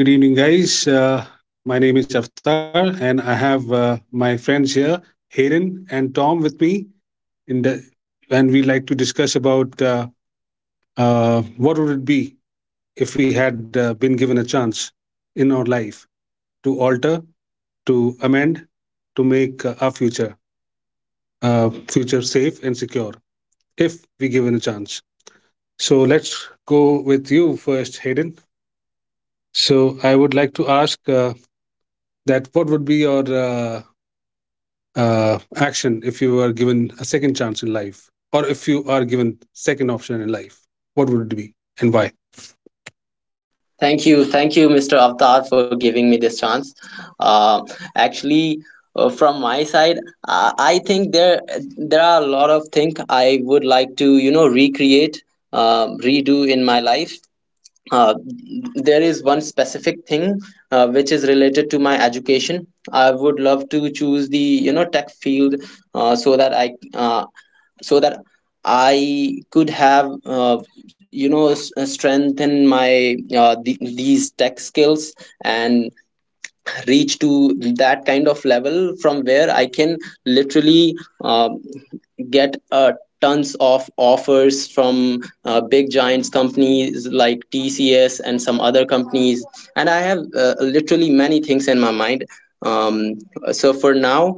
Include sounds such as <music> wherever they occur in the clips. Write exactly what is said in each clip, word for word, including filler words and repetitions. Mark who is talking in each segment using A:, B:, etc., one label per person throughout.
A: Hey, very good evening, guys. Uh, my name is Aftar, and I have uh, my friends here, Hayden and Tom, with me. In the, and we'd like to discuss about uh, uh, what would it be if we had uh, been given a chance in our life to alter, to amend, to make uh, our future uh, future safe and secure if we given a chance. So let's go with you first, Hayden. So I would like to ask uh, that what would be your uh, uh, action if you were given a second chance in life, or if you are given second option in life, what would it be and why?
B: Thank you, thank you, Mister Avtar, for giving me this chance. Uh, actually, uh, from my side, I, I think there there are a lot of things I would like to you know recreate, uh, redo in my life. Uh, there is one specific thing uh, which is related to my education. I would love to choose the you know tech field, uh, so that I uh, so that I could have uh, you know s- uh, strengthen my uh, the these tech skills and reach to that kind of level from where I can literally um, get uh, tons of offers from uh, big giants companies like T C S and some other companies. And I have uh, literally many things in my mind. Um, so for now,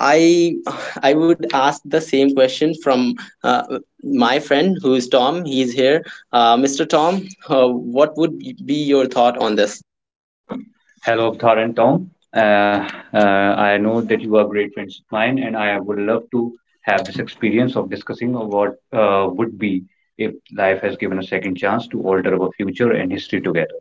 B: I I would ask the same question from uh, my friend who is Tom. He's here, uh, Mister Tom. Uh, what would be your thought on this?
C: Hello, Avtar and Tom. Uh, uh, I know that you are great friends of mine, and I would love to have this experience of discussing what uh, would be if life has given a second chance to alter our future and history together.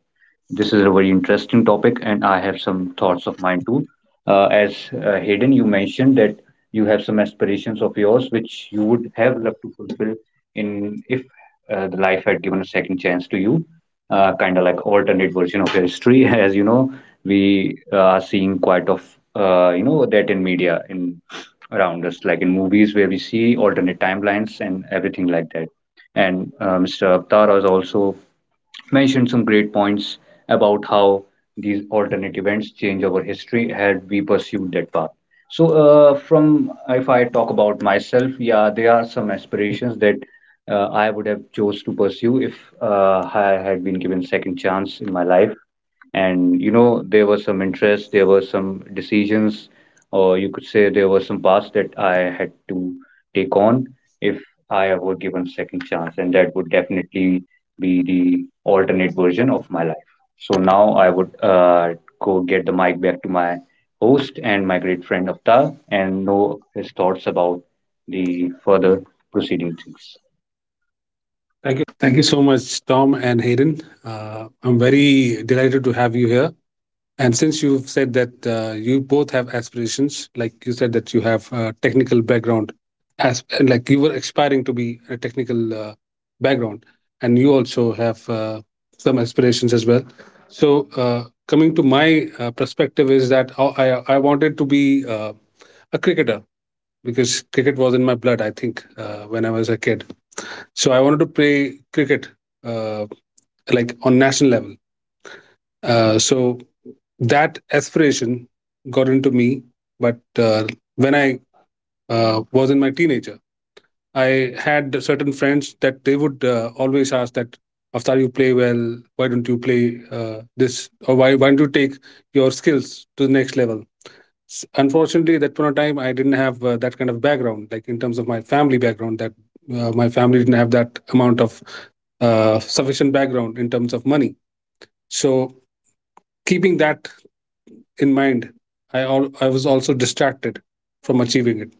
C: This is a very interesting topic, and I have some thoughts of mine too. Uh, as uh, Hayden, you mentioned that you have some aspirations of yours which you would have loved to fulfill in if uh, the life had given a second chance to you, uh, kind of like alternate version of your history. <laughs> As you know, we are seeing quite of uh, you know that in media in around us, like in movies where we see alternate timelines and everything like that. And uh, Mr. Avatar is also mentioned some great points about how these alternate events change our history had we pursued that path. So, uh, from if I talk about myself, yeah, there are some aspirations that uh, I would have chose to pursue if uh, I had been given second chance in my life, and you know there was some interest, there were some decisions, or you could say there were some paths that I had to take on if I were given second chance, and that would definitely be the alternate version of my life. So now I would uh, go get the mic back to my host and my great friend Avtar and know his thoughts about the further proceeding things.
A: Thank you so much, Tom and Hayden. uh, I'm very delighted to have you here. And since you've said that uh, you both have aspirations, like you said that you have a technical background, as like you were aspiring to be a technical uh, background, and you also have uh, some aspirations as well. So uh, coming to my uh, perspective is that I I- I wanted to be uh, a cricketer because cricket was in my blood. I think uh, when I was a kid, so I wanted to play cricket, uh, like on national level. Uh, so that aspiration got into me, but uh, when i uh, was in my teenager, I had certain friends that they would uh, always ask that after you play well, why don't you play uh, this, or why, why don't you take your skills to the next level? S- unfortunately, at that point of time, I didn't have uh, that kind of background, like in terms of my family background, that uh, my family didn't have that amount of uh, sufficient background in terms of money. So keeping that in mind, I al- I was also distracted from achieving it,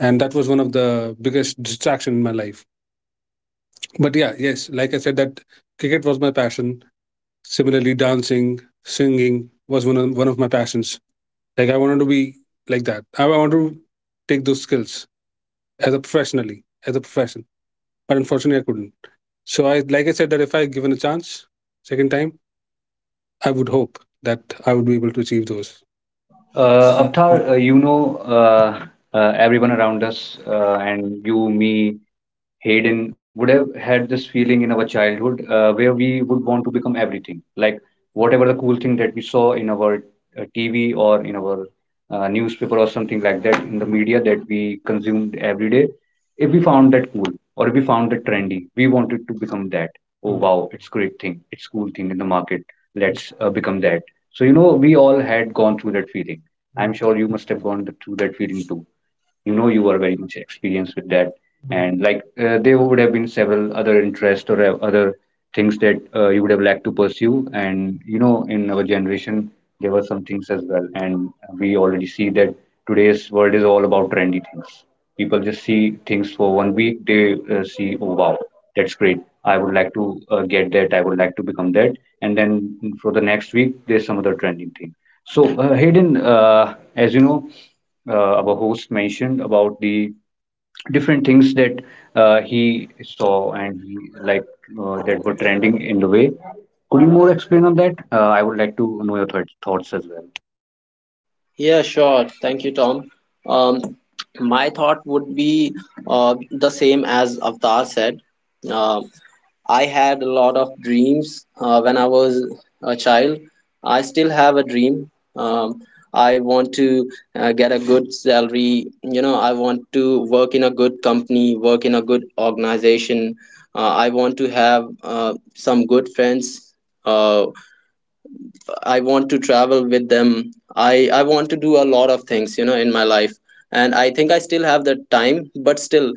A: and that was one of the biggest distraction in my life. But yeah, yes, like I said, that cricket was my passion. Similarly, dancing, singing was one of one of my passions. Like I wanted to be like that. I wanted to take those skills as a professionally as a profession. But unfortunately, I couldn't. So I, like I said, that if I given a chance second time, I would hope that I would be able to achieve those.
C: uh,
A: Uh,
C: Avtar, uh, you know uh, uh, everyone around us, uh, and you, me, Hayden would have had this feeling in our childhood uh, where we would want to become everything, like whatever the cool thing that we saw in our uh, T V or in our uh, newspaper or something like that in the media that we consumed every day. If we found that cool or if we found that trendy, we wanted to become that. Oh, Hmm. wow, it's great thing, it's cool thing in the market. Let's uh, become that. So you know, we all had gone through that feeling. I'm Hmm. sure you must have gone th- through that feeling too. You know you are very much experienced with that, and like uh, there would have been several other interests or uh, other things that uh, you would have liked to pursue. And you know, in our generation there were some things as well, and we already see that today's world is all about trendy things. People just see things for one week. They uh, see, oh wow, that's great, I would like to uh, get that, I would like to become that. And then for the next week there's some other trending thing. So uh, Hayden, uh, as you know, uh, our host mentioned about the different things that uh, he saw and he liked, uh, that were trending in the way. Could you more explain on that? Uh, I would like to know your th- thoughts as well.
B: Yeah, sure. Thank you, Tom. Um, my thought would be uh, the same as Avtar said. Uh, I had a lot of dreams uh, when I was a child. I still have a dream. Um, I want to uh, get a good salary. You know, I want to work in a good company, work in a good organization. Uh, I want to have uh, some good friends. Uh, I want to travel with them. I I want to do a lot of things, you know, in my life. And I think I still have the time, but still,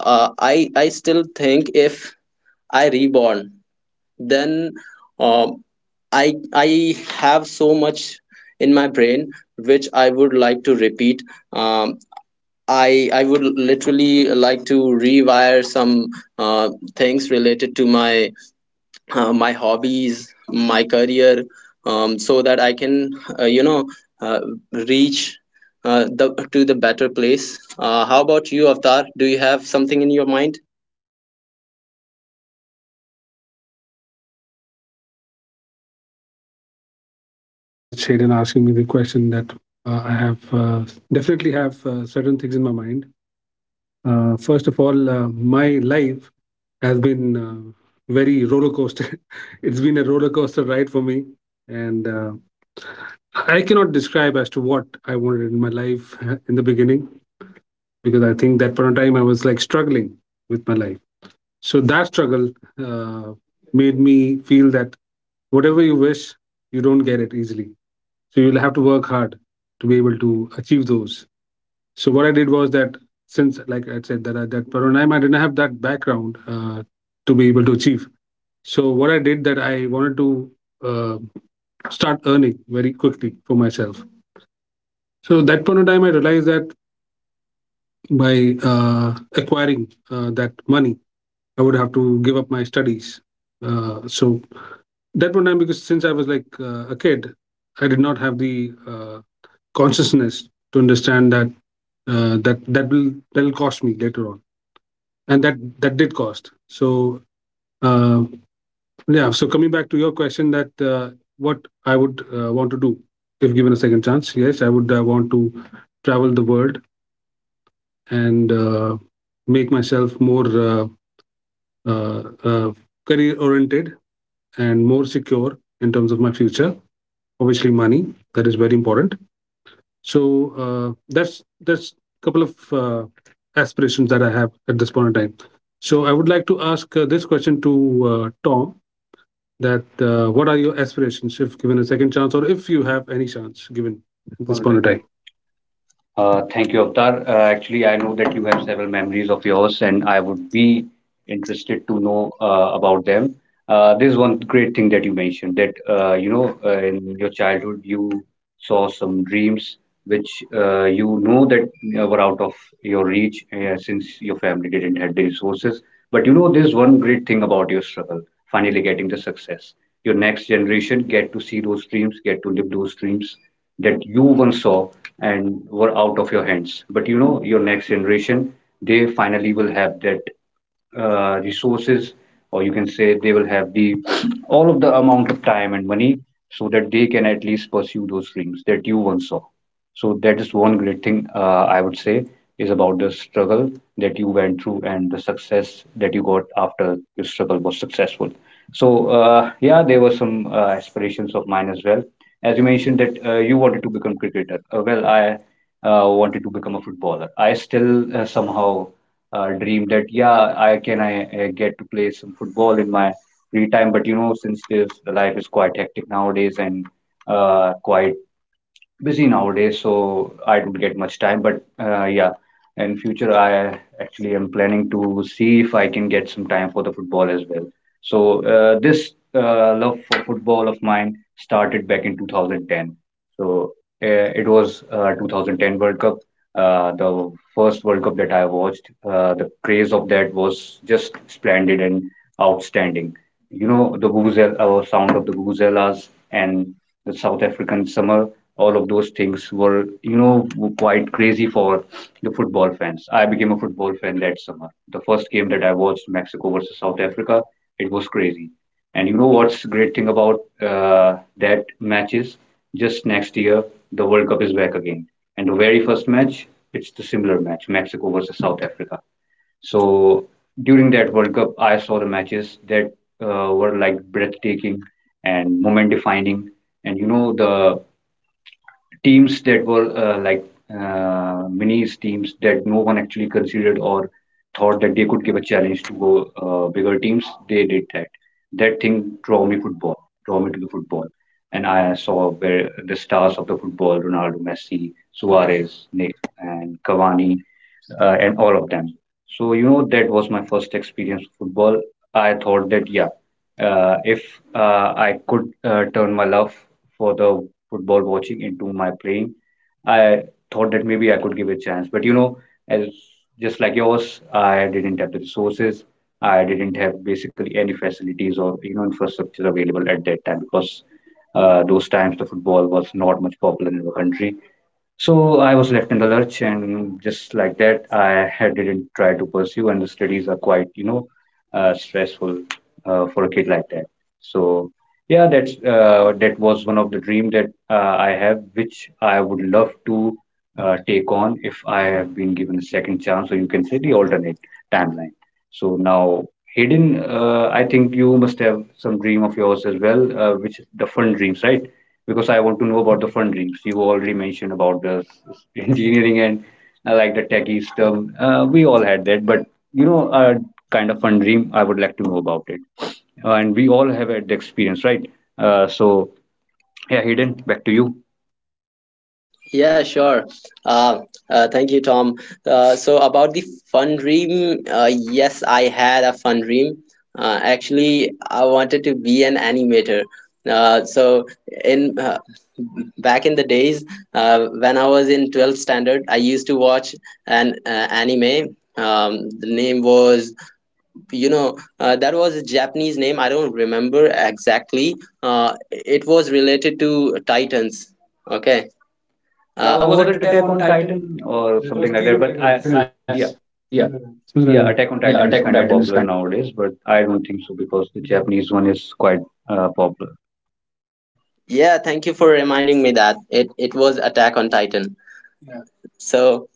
B: uh, I I still think if I reborn, then, um, I I have so much in my brain which I would like to repeat. Um, I I would literally like to rewire some uh, things related to my uh, my hobbies, my career, um, so that I can uh, you know uh, reach uh, the to the better place. Uh, how about you, Avtar? Do you have something in your mind?
A: Thank you so much, Shaden, asking me the question that uh, I have uh, definitely have uh, certain things in my mind. Uh, first of all, uh, my life has been uh, very roller coaster. <laughs> It's been a roller coaster ride for me, and uh, I cannot describe as to what I wanted in my life uh, in the beginning, because I think that point of time I was like struggling with my life. So that struggle uh, made me feel that whatever you wish, you don't get it easily, so you'll have to work hard to be able to achieve those. So what I did was that since, like I said, that I, that Paranaim, I didn't have that background uh, to be able to achieve. So what I did that I wanted to uh, start earning very quickly for myself. So that point of time, I realized that by uh, acquiring uh, that money, I would have to give up my studies. Uh, so that point of time, because since I was like uh, a kid, I did not have the uh, consciousness to understand that uh, that that will that will cost me later on, and that that did cost. So uh, yeah. So coming back to your question, that uh, what I would uh, want to do if given a second chance, yes, I would uh, want to travel the world and uh, make myself more uh, uh, uh, career oriented and more secure in terms of my future. Obviously, money that is very important. So uh, that's that's a couple of uh, aspirations that I have at this point in time. So I would like to ask uh, this question to uh, Tom: that uh, what are your aspirations if given a second chance, or if you have any chance given
C: Just
A: at this
C: want to
A: point in time?
C: Uh, thank you, Avtar. Uh, actually, I know that you have several memories of yours, and I would be interested to know uh, about them. Uh, there's one great thing that you mentioned, that uh, you know uh, in your childhood you saw some dreams which uh, you know that uh, were out of your reach uh, since your family didn't have the resources. But you know, there's one great thing about your struggle, finally getting the success. Your next generation get to see those dreams, get to live those dreams that you once saw and were out of your hands. But you know, your next generation, they finally will have that uh, resources, or you can say they will have the all of the amount of time and money so that they can at least pursue those dreams that you once saw. So that is one great thing uh, I would say is about the struggle that you went through and the success that you got after your struggle was successful. So uh, yeah, there were some uh, aspirations of mine as well. As you mentioned that uh, you wanted to become cricketer. Uh, well, I uh, wanted to become a footballer. I still uh, somehow uh, dream that yeah, I can I uh, get to play some football in my free time. But you know, since this the life is quite hectic nowadays and uh, quite busy nowadays, so I don't get much time. But uh, yeah, in future, I actually am planning to see if I can get some time for the football as well. So uh, this uh, love for football of mine started back in two thousand ten. So uh, it was uh, twenty ten World Cup, uh, the first World Cup that I watched. Uh, the craze of that was just splendid and outstanding. You know the vuvuzela, uh, sound of the vuvuzelas and the South African summer, all of those things were you know quite crazy for the football fans. I became a football fan that summer. The first game that I watched, Mexico versus South Africa, it was crazy. And you know what's great thing about uh, that matches, just next year the World Cup is back again, and the very first match, it's the similar match, Mexico versus South Africa. So during that World Cup I saw the matches that uh, were like breathtaking and moment defining. And you know the teams that were uh, like uh, minis teams that no one actually considered or thought that they could give a challenge to go uh, bigger teams. They did that. That thing draw me football, draw me to the football, and I saw where the stars of the football: Ronaldo, Messi, Suarez, Nick, and Cavani uh, and all of them. So you know that was my first experience with football. I thought that yeah, uh, if uh, I could uh, turn my love for the football watching into my playing, I thought that maybe I could give it a chance. But you know, as just like yours, I didn't have the resources. I didn't have basically any facilities or you know infrastructure available at that time because uh, those times the football was not much popular in the country. So I was left in the lurch, and just like that, I had didn't try to pursue, and the studies are quite, you know, uh, stressful uh, for a kid like that. So yeah, that's uh, that was one of the dream that uh, I have, which I would love to uh, take on if I have been given a second chance, or you can say the alternate timeline. So now, Hayden, uh, I think you must have some dream of yours as well, uh, which the fun dreams, right? Because I want to know about the fundings. You already mentioned about the <laughs> engineering and uh, like the techie stuff. Uh, we all had that, but you know, a kind of fun dream. I would like to know about it. Uh, and we all have had the experience, right? Uh, so yeah, Hayden, back to you.
B: Yeah, sure. Uh, uh, thank you, Tom. Uh, so about the fun dream, uh, yes, I had a fun dream. Uh, actually, I wanted to be an animator. Uh, so in uh, Back in the days, uh, when I was in twelfth standard, I used to watch an uh, anime. Um, the name was, you know, uh, that was a Japanese name. I don't remember exactly. Uh, it was related to Titans. Okay. uh, Uh,
C: Uh,
B: was
C: was
B: it
C: it
B: Attack
C: Attack
B: on
C: on
B: Titan?
C: Titan or
A: Teen okay, of I-
C: yeah,
A: yeah. Something like that.
C: yeah,
A: Yeah,
C: Attack on
A: Attack on
C: Titan is
A: Titan is
C: kind of
A: kind.
C: popular nowadays, but I don't think so because the Japanese one is quite uh, popular.
B: Yeah, thank you for reminding me that it it was Attack on Titan. Yeah. So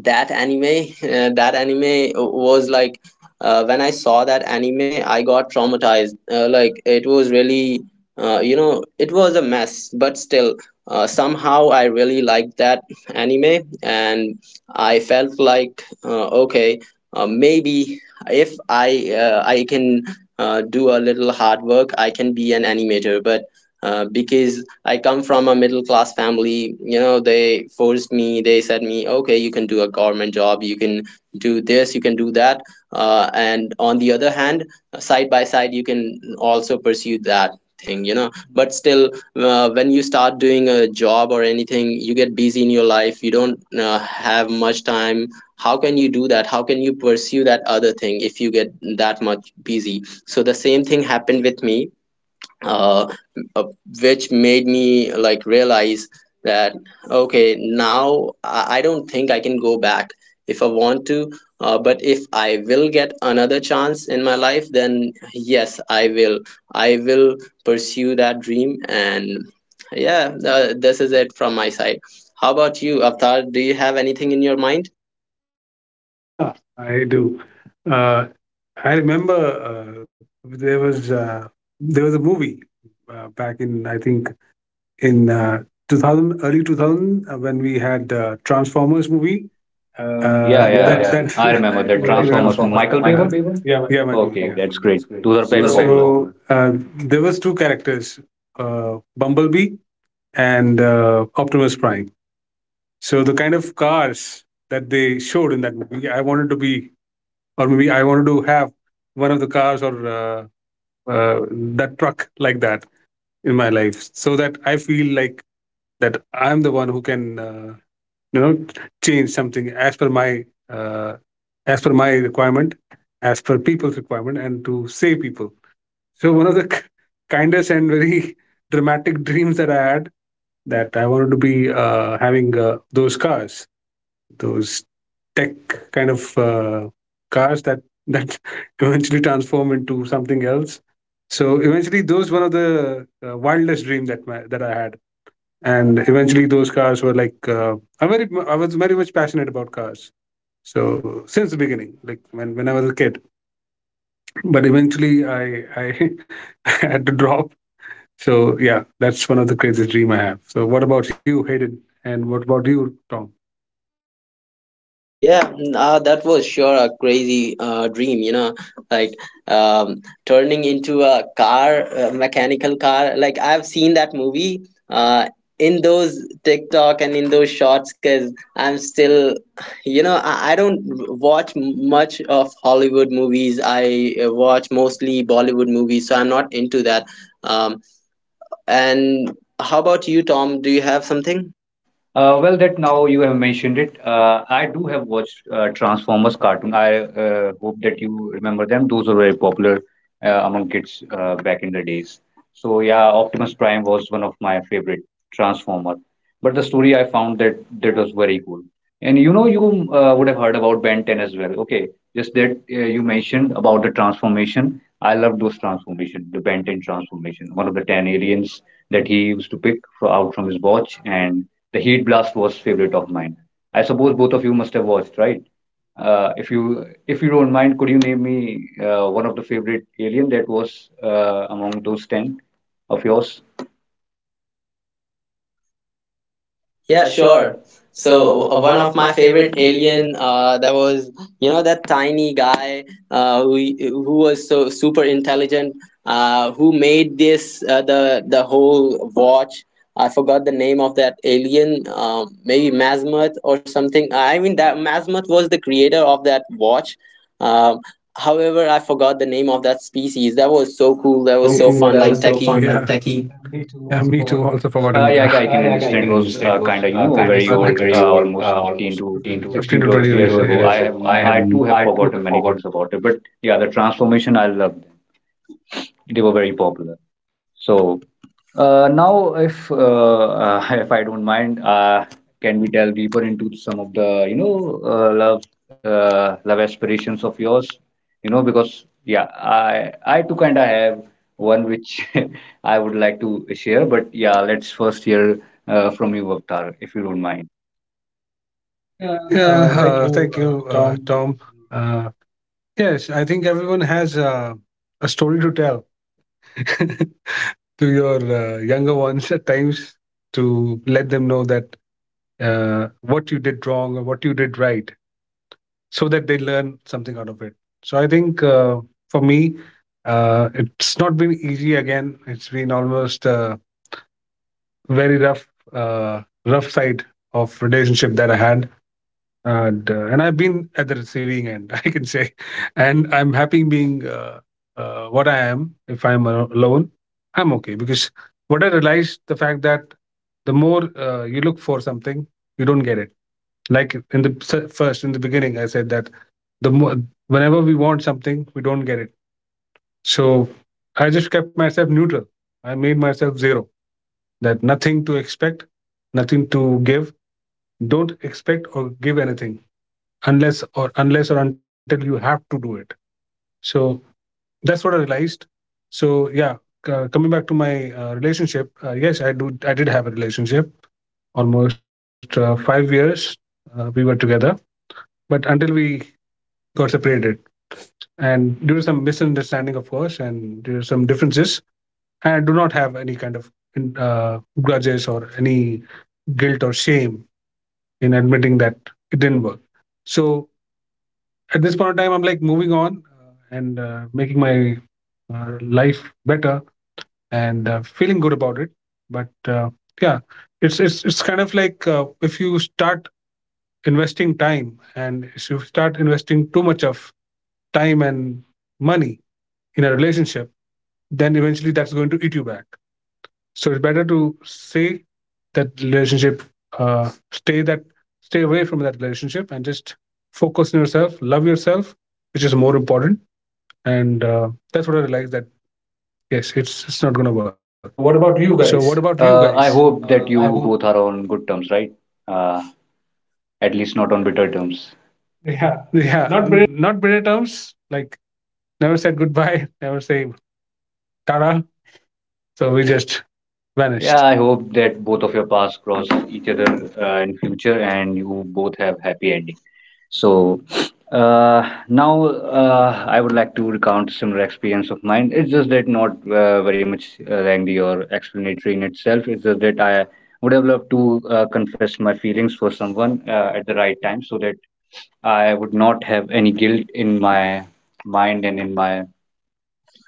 B: that anime uh, that anime was like, uh, when I saw that anime, I got traumatized. Uh, like, it was really, uh, you know it was a mess, but still, uh, somehow I really liked that anime, and I felt like, uh, okay, uh, maybe if i uh, i can uh, do a little hard work, I can be an animator. But uh, because I come from a middle class family. You know, they forced me. They said me, okay, you can do a government job. You can do this. You can do that. Uh, and on the other hand, side by side, you can also pursue that thing, you know. But still, uh, when you start doing a job or anything, you get busy in your life. You don't uh, have much time. How can you do that? How can you pursue that other thing if you get that much busy? So the same thing happened with me, uh, uh, which made me like realize that okay, now I, I don't think I can go back if I want to. Uh, but if I will get another chance in my life, then yes, i will i will pursue that dream. And yeah, uh, this is it from my side. How about you, Avatar? Do you have anything in your mind?
A: Of- Yeah, I do. Uh, I remember uh, there was uh, there was a movie uh, back in, I think, in uh, two thousand, early two thousand, uh, when we had uh, Transformers movie. uh,
C: Yeah,
A: Yeah, that, yeah,
C: I
A: that <laughs> I
C: remember that
A: remember that. Yeah,
C: Thomas
A: Transformers.
C: Michael
A: Michael
C: one.
A: Bay one? Yeah, Michael Bay.
C: Okay,
A: Okay, yeah,
C: that's great.
A: that's great.
C: Those
A: So uh, there was two characters, uh, Bumblebee and uh, Optimus Prime. So the kind of cars that they showed in that movie, I wanted to be, or maybe I wanted to have one of the cars, or uh, uh, that truck like that in my life, so that I feel like that I'm the one who can uh, you know, change something as per my uh, as per my requirement, as per people's requirement, and to save people. So one of the k- kindest and very <laughs> dramatic dreams that I had, that I wanted to be uh, having uh, those cars, those tech kind of uh, cars that that <laughs> eventually transform into something else. So eventually, those one of the uh, wildest dream that my, that I had, and eventually those cars were like uh, I very I was very much passionate about cars. So since the beginning, like when, when I was a kid, but eventually I I <laughs> had to drop. So yeah, that's one of the craziest dream I have. So what about you, Hayden? And what about you, Tom?
B: Yeah, mm, uh, that was sure a crazy uh, dream, you know, like, um, turning into a car, a mechanical car. Like, I've seen that movie uh, in those TikTok and in those shorts, because I'm still, you know, I, I don't watch m- much of Hollywood movies. I uh, watch mostly Bollywood movies, so I'm not into that. Um, and how about you, Tom? Do you have something?
C: Uh, well, that now you have mentioned it. Uh, I do have watched uh, Transformers cartoon. I uh, hope that you remember them. Those were very popular uh, among kids uh, back in the days. So yeah, Optimus Prime was one of my favorite Transformer. But the story I found that that was very cool. And you know, you uh, would have heard about Ben ten as well. Okay, just that uh, you mentioned about the transformation. I love those transformation, the Ben ten transformation, one of the ten aliens that he used to pick for, out from his watch, and the Heat Blast was favorite of mine. I suppose both of you must have watched, right? Uh, if you if you don't mind, could you name me uh, one of the favorite alien that was uh, among those ten of yours?
B: Yeah,
C: Yeah,
B: sure.
C: sure.
B: So
C: So uh,
B: w- one
C: one
B: of
C: of
B: my
C: my
B: favorite
C: favorite aliens
B: alien uh, that was, you know, that tiny guy uh, who who was so super intelligent, uh, who made this uh, the the whole watch. I forgot the name of that alien, um, maybe Masmuth or something. I mean, that Masmuth was the creator of that watch. Um, however, I forgot the name of that species. That was
A: That
B: so
A: was
B: cool. That
C: that
A: so
B: was
C: was
A: cool.
B: so
C: so
A: That
B: fun,
C: fun,
A: was so
B: like
A: fun. Yeah,
C: Techie.
B: techie.
A: and techie. Yeah, me too. Also forgotten. <laughs>
C: Uh,
A: Uh,
C: yeah, I I
A: Uh,
C: can
A: yeah, I can
C: understand. It was
A: understand
C: uh,
A: those
C: kind of, you
A: uh,
C: know,
A: kind of, those are,
C: very
A: you know, like
C: old,
A: very
C: uh,
A: old, uh,
C: almost fifteen
A: almost
C: to
A: 15 to 15
C: sixteen
A: to
C: to
A: twenty sixteen
C: years
A: to
C: ago. I
A: years
C: have,
A: ago. I have,
C: I too
A: I
C: have
A: too
C: forgotten
A: have
C: many
A: forgotten.
C: things about it, but yeah, the transformation I loved them. They were very popular. So uh, now, if uh, uh, <laughs> if I don't mind, uh, can we delve deeper into some of the you know uh, love uh, love aspirations of yours? You know, because yeah, I I too kind of have one which <laughs> I would like to share. But yeah, let's first hear uh, from you, Avtar, if you don't mind.
A: Yeah, uh, thank you, uh, Tom. Uh, yes, I think everyone has uh, a story to tell <laughs> to your uh, younger ones at times, to let them know that uh, what you did wrong or what you did right, so that they learn something out of it. So I think uh, for me, uh, it's not been easy again. It's been almost a very rough, uh, rough side of relationship that I had. And uh, and I've been at the receiving end, <laughs> I can say, and I'm happy being uh, uh, what I am. If I'm a- alone, I'm okay, because what I realized the fact that the more uh, you look for something, you don't get it. Like in the s- first in the beginning, I said that the more, whenever we want something, we don't get it. So I just kept myself neutral. I made myself zero. That nothing to expect, nothing to give. Don't expect or give anything unless or unless or until you have to do it. So that's what I realized. So yeah, uh, coming back to my uh, relationship, uh, yes, i do I did have a relationship almost uh, five years uh, we were together, but until we got separated, and due to some misunderstanding, of course, and due to some differences, I do not have any kind of uh, grudges or any guilt or shame in admitting that it didn't work. So at this point of time, I'm like moving on, uh, and uh, making my uh, life better, and uh, feeling good about it. But uh, yeah, it's it's it's kind of like uh, if you start investing time, and if you start investing too much of time and money in a relationship, then eventually that's going to eat you back. So it's better to say that relationship, uh, stay that stay away from that relationship and just focus on yourself, love yourself, which is more important. And uh, that's what I realized, that yes, it's it's not going to work. So what about you guys?
C: Uh, I
A: Uh,
C: hope
A: I
C: that
A: would.
C: you both are on good terms, right? Uh, at least not on bitter terms.
A: <laughs> Yeah, not better terms. Like, never said goodbye, <laughs> never say tara. So we just vanished.
C: Yeah, I hope that both of your paths cross each other uh, in future and you both have happy ending. So uh, now uh, I would like to recount similar experience of mine. It's just that not uh, very much uh, lengthy or explanatory in itself. It's just that I would have loved to uh, confess my feelings for someone uh, at the right time so that I would not have any guilt in my mind and in my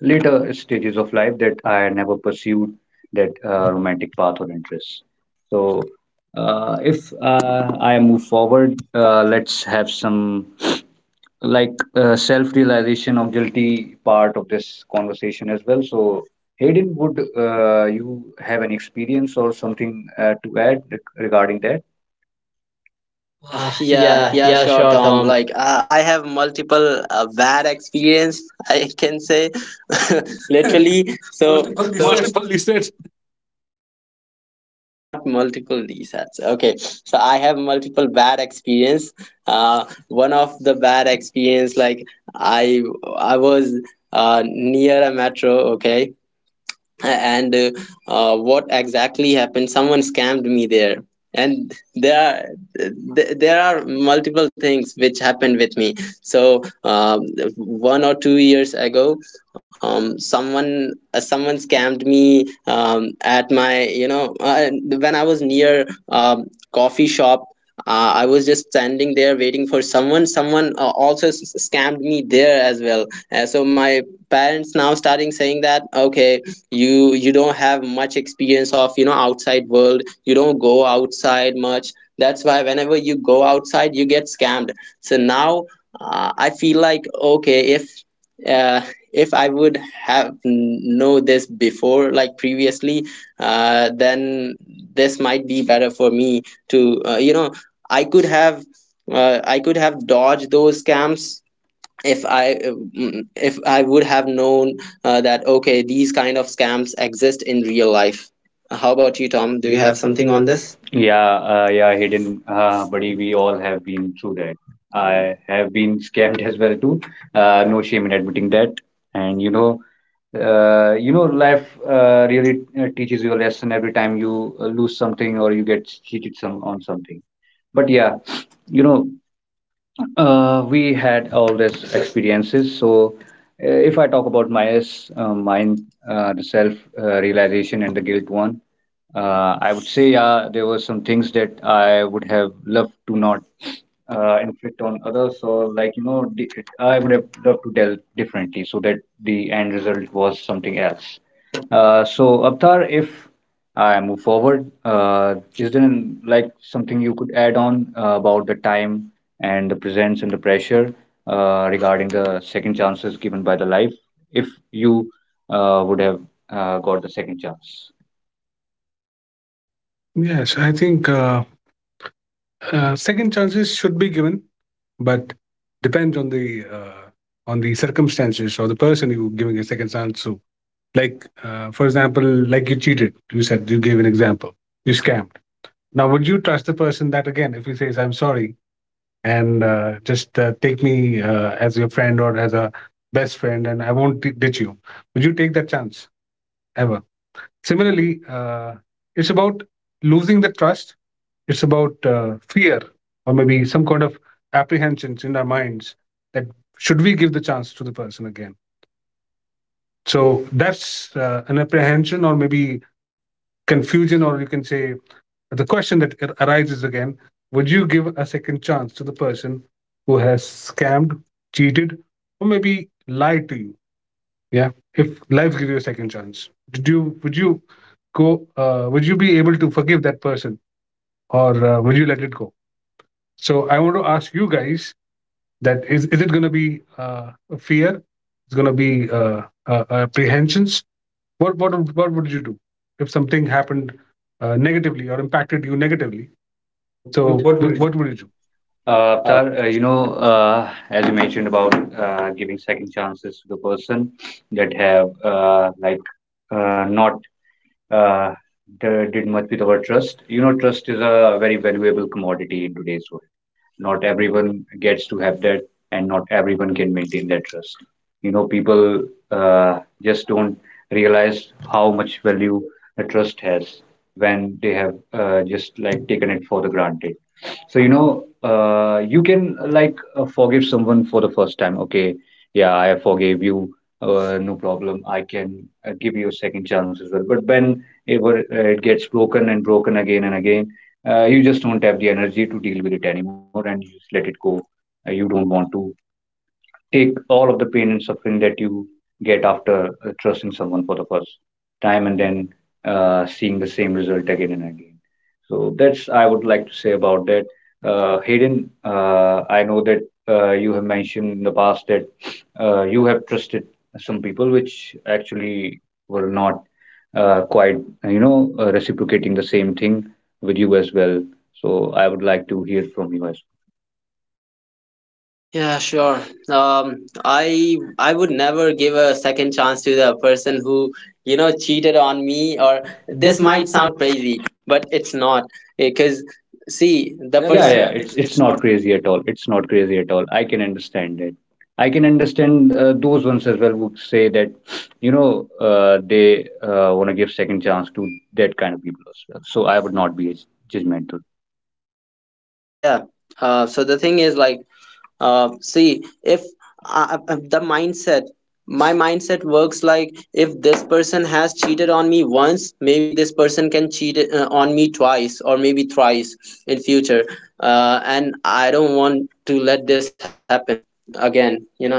C: later stages of life that I never pursued that uh, romantic path or interest. So, uh, if uh, I move forward, uh, let's have some like uh, self realization of guilty part of this conversation as well. So, Hayden, would uh, you have any experience or something uh, to add regarding that?
B: Uh,
C: Uh,
B: yeah,
C: yeah,
B: yeah,
C: yeah,
B: sure,
C: sure,
B: Tom.
C: Tom.
B: Like, I I have multiple uh, bad experience, <laughs> I can say, <laughs> literally. <laughs> So, multiple
A: Multiple
B: desserts.
A: listed.
B: Not multiple resets. Okay, so I have multiple bad experience. Uh, one of the bad experience, like, I, I was uh, near a metro. Okay, and uh, uh, what exactly happened, someone scammed me there. And there are th- there are multiple things which happened with me. So, um, one or two years ago, um, someone uh, someone scammed me, um, at my, you know, uh, when I was near, um, coffee shop. uh, I was just standing there waiting for someone. Someone uh, also s- scammed me there as well. Uh, so my parents now starting saying that okay, you you don't have much experience of, you know, outside world. You don't go outside much. That's why whenever you go outside, you get scammed. So now, uh, I feel like okay, if uh, if I would have know this before, like previously, uh, then this might be better for me to, uh, you know, I could have, uh, I could have dodged those scams if I uh, mm, if I would have known uh, that okay, these kind of scams exist in real life. How about you,
C: Tom,
B: Tom?
C: do
B: Do you
C: you
B: have
C: have something
B: something on
C: on
B: this?
C: this? Yeah, uh, yeah, hidden, uh, buddy, we all have been through that. I have been scammed as well too. Uh, no shame in admitting that. And you know, uh, you know, life uh, really uh, teaches you a lesson every time you uh, lose something or you get cheated some on something. But yeah, you know. Uh, we had all these experiences. So, uh, if I talk about my uh, mine, uh, the self uh, realization and the guilt one, uh, I would say, yeah, there were some things that I would have loved to not uh, inflict on others. So, like, you know, di- I would have loved to tell differently so that the end result was something else. Uh, so, Abtar, if I move forward, uh, is there like something you could add on uh, about the time? And the presence and the pressure uh, regarding the second chances given by the life if you uh, would have uh, got the second chance.
A: Yes, I think uh, uh, second chances should be given, but depends on the uh, on the circumstances or the person you're giving a second chance to. Like, uh, for example, like you cheated. You said you gave an example. You scammed. Now, would you trust the person that again if he says, "I'm sorry," and uh, just uh, take me uh, as your friend, or as a best friend, and I won't d- ditch you. Would you take that chance ever?
B: Similarly,
A: Similarly, uh, it's about losing the trust. It's about uh, fear, or maybe some kind of apprehensions in our minds, that should we give the chance to the person again? So that's uh, an apprehension, or maybe confusion, or you can say. But the question that arises again, would you give a second chance to the person who has scammed, cheated, or maybe lied to you? Yeah, if life gives you a second chance, did you, would you go, uh, would you be able to forgive that person, or uh, would you let it go? So I want to ask you guys, that is is it going to be uh, a fear? It's going to be uh, uh, apprehensions? what what what would you do if something happened uh, negatively or impacted you negatively? So what would you do?
C: Uh, Avtar, uh, you know, uh, as you mentioned about uh, giving second chances to the person that have uh, like uh, not uh, d- did much with our trust. You know, trust is a very valuable commodity in today's world, not everyone gets to have that and not everyone can maintain that trust. You know, people uh, just don't realize how much value the trust has when they have uh, just like taken it for the granted. So you know, uh, you can like uh, forgive someone for the first time. Okay, yeah, I forgave you, uh, no problem. I can uh, give you a second chance as well, but when it, were- uh, it gets broken and broken again and again, uh, you just don't have the energy to deal with it anymore and you just let it go. Uh, you don't want to take all of the pain and suffering that you get after uh, trusting someone for the first time and then uh, seeing the same result again and again. So that's I would like to say about that. Uh, Hayden, uh, I know that uh, you have mentioned in the past that uh, you have trusted some people which actually were not uh, quite, you know, uh, reciprocating the same thing with you as well. So I would like to hear from you as well.
B: yeah, sure. Um, I I would never give a second chance to the person who, you know, cheated on me. Or,
C: Or
B: this
C: this
B: might
C: might sound,
B: sound crazy, but it's not, because see,
C: the
B: the yeah,
C: yeah,
B: yeah,
C: yeah, person,
B: person
C: yeah.
B: yeah.
C: It's
B: It's
C: it's
B: it's not.
C: not crazy at all. It's not crazy at all. I can understand it. I can understand uh, those ones as well who say that, you know, uh, they uh, want to give second chance to that kind of people as well. So I would not be judgmental.
B: Yeah. Uh, so the thing is like, Uh, see, if, uh, uh, the mindset, my mindset works like, if this person has cheated on me once, maybe this person can cheat uh, on me twice or maybe thrice in future. Uh, and I don't want to let this happen again, you know.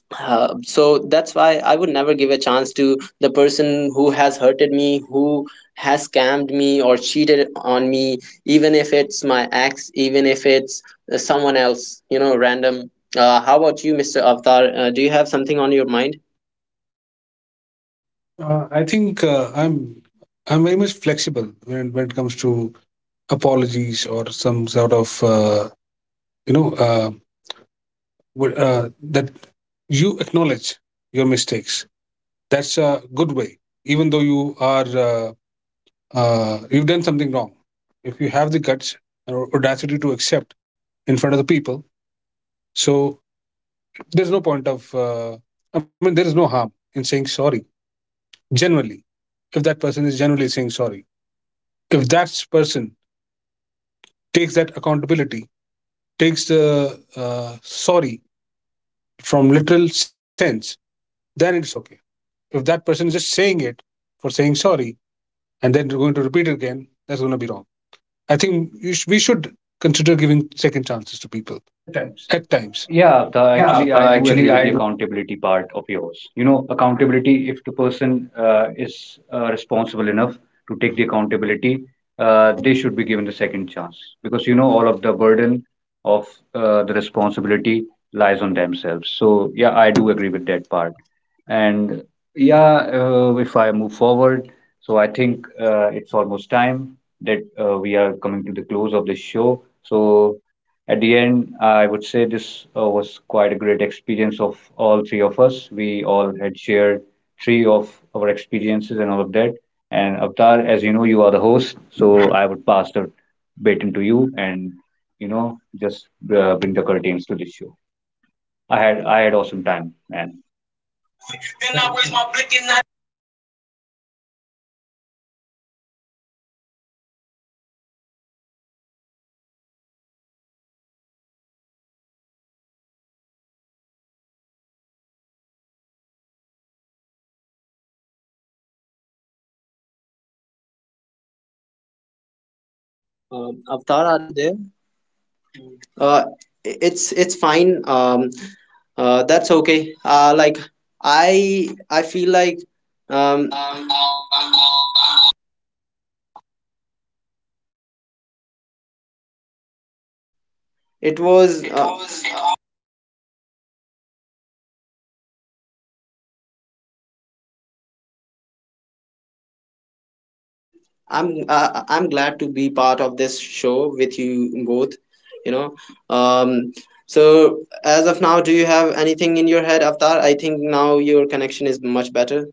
B: Uh, so that's why I would never give a chance to the person who has hurted me, who has scammed me or cheated on me, even if it's my ex, even if it's uh, someone else, you know, random. Uh, how about you, Mister Avatar? Uh, do you have something on your mind?
A: Uh, I think uh, I'm I'm very much flexible when when it comes to apologies, or some sort of uh, you know, uh, wh- uh, that you acknowledge your mistakes. That's a good way, even though you are uh, uh, you've done something wrong. If you have the guts or audacity to accept in front of the people, so there's no point of uh, I mean, there is no harm in saying sorry. Generally, if that person is generally saying sorry, if that person takes that accountability, takes the uh, sorry from literal sense, then it's okay. If that person is just saying it for saying sorry, and then going to repeat it again, that's going to be wrong. I think you sh- we should consider giving second chances to people at times.
C: Yeah, the,
A: Yeah,
C: actually,
A: uh,
C: I do agree
A: actually,
C: with the
A: I
C: accountability part of yours. You know, accountability, if the person uh, is uh, responsible enough to take the accountability, uh, they should be given the second chance because, you know, all of the burden of uh, the responsibility lies on themselves. So, yeah, I do agree with that part. And yeah, uh, if I move forward, so I think uh, it's almost time that uh, we are coming to the close of this show. So, at the end, I would say this uh, was quite a great experience of all three of us. We all had shared three of our experiences and all of that. And Avtar, as you know, you are the host, so I would pass the baton to you and you know just uh, bring the curtains to this show. I had I had awesome time, man.
B: Um, Avatar, are you there? Uh, i- it's it's fine. Um, uh, that's okay. Uh, like, I I feel like, um, it was. Uh, I'm uh, I'm glad to be part of this show with you both. You know, um, so as of now, do you have anything in your head, Avatar? I think now your connection is much better.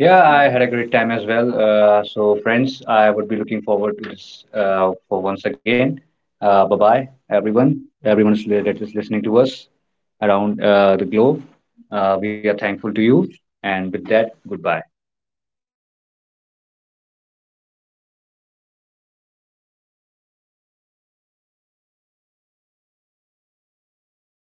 C: Yeah, I had a great time as well. Uh, so, friends, I would be looking forward to this uh, for once again. Uh, bye bye, everyone. Everyone is li- that is listening to us around uh, the globe. Uh, we are thankful to you. And with that, goodbye.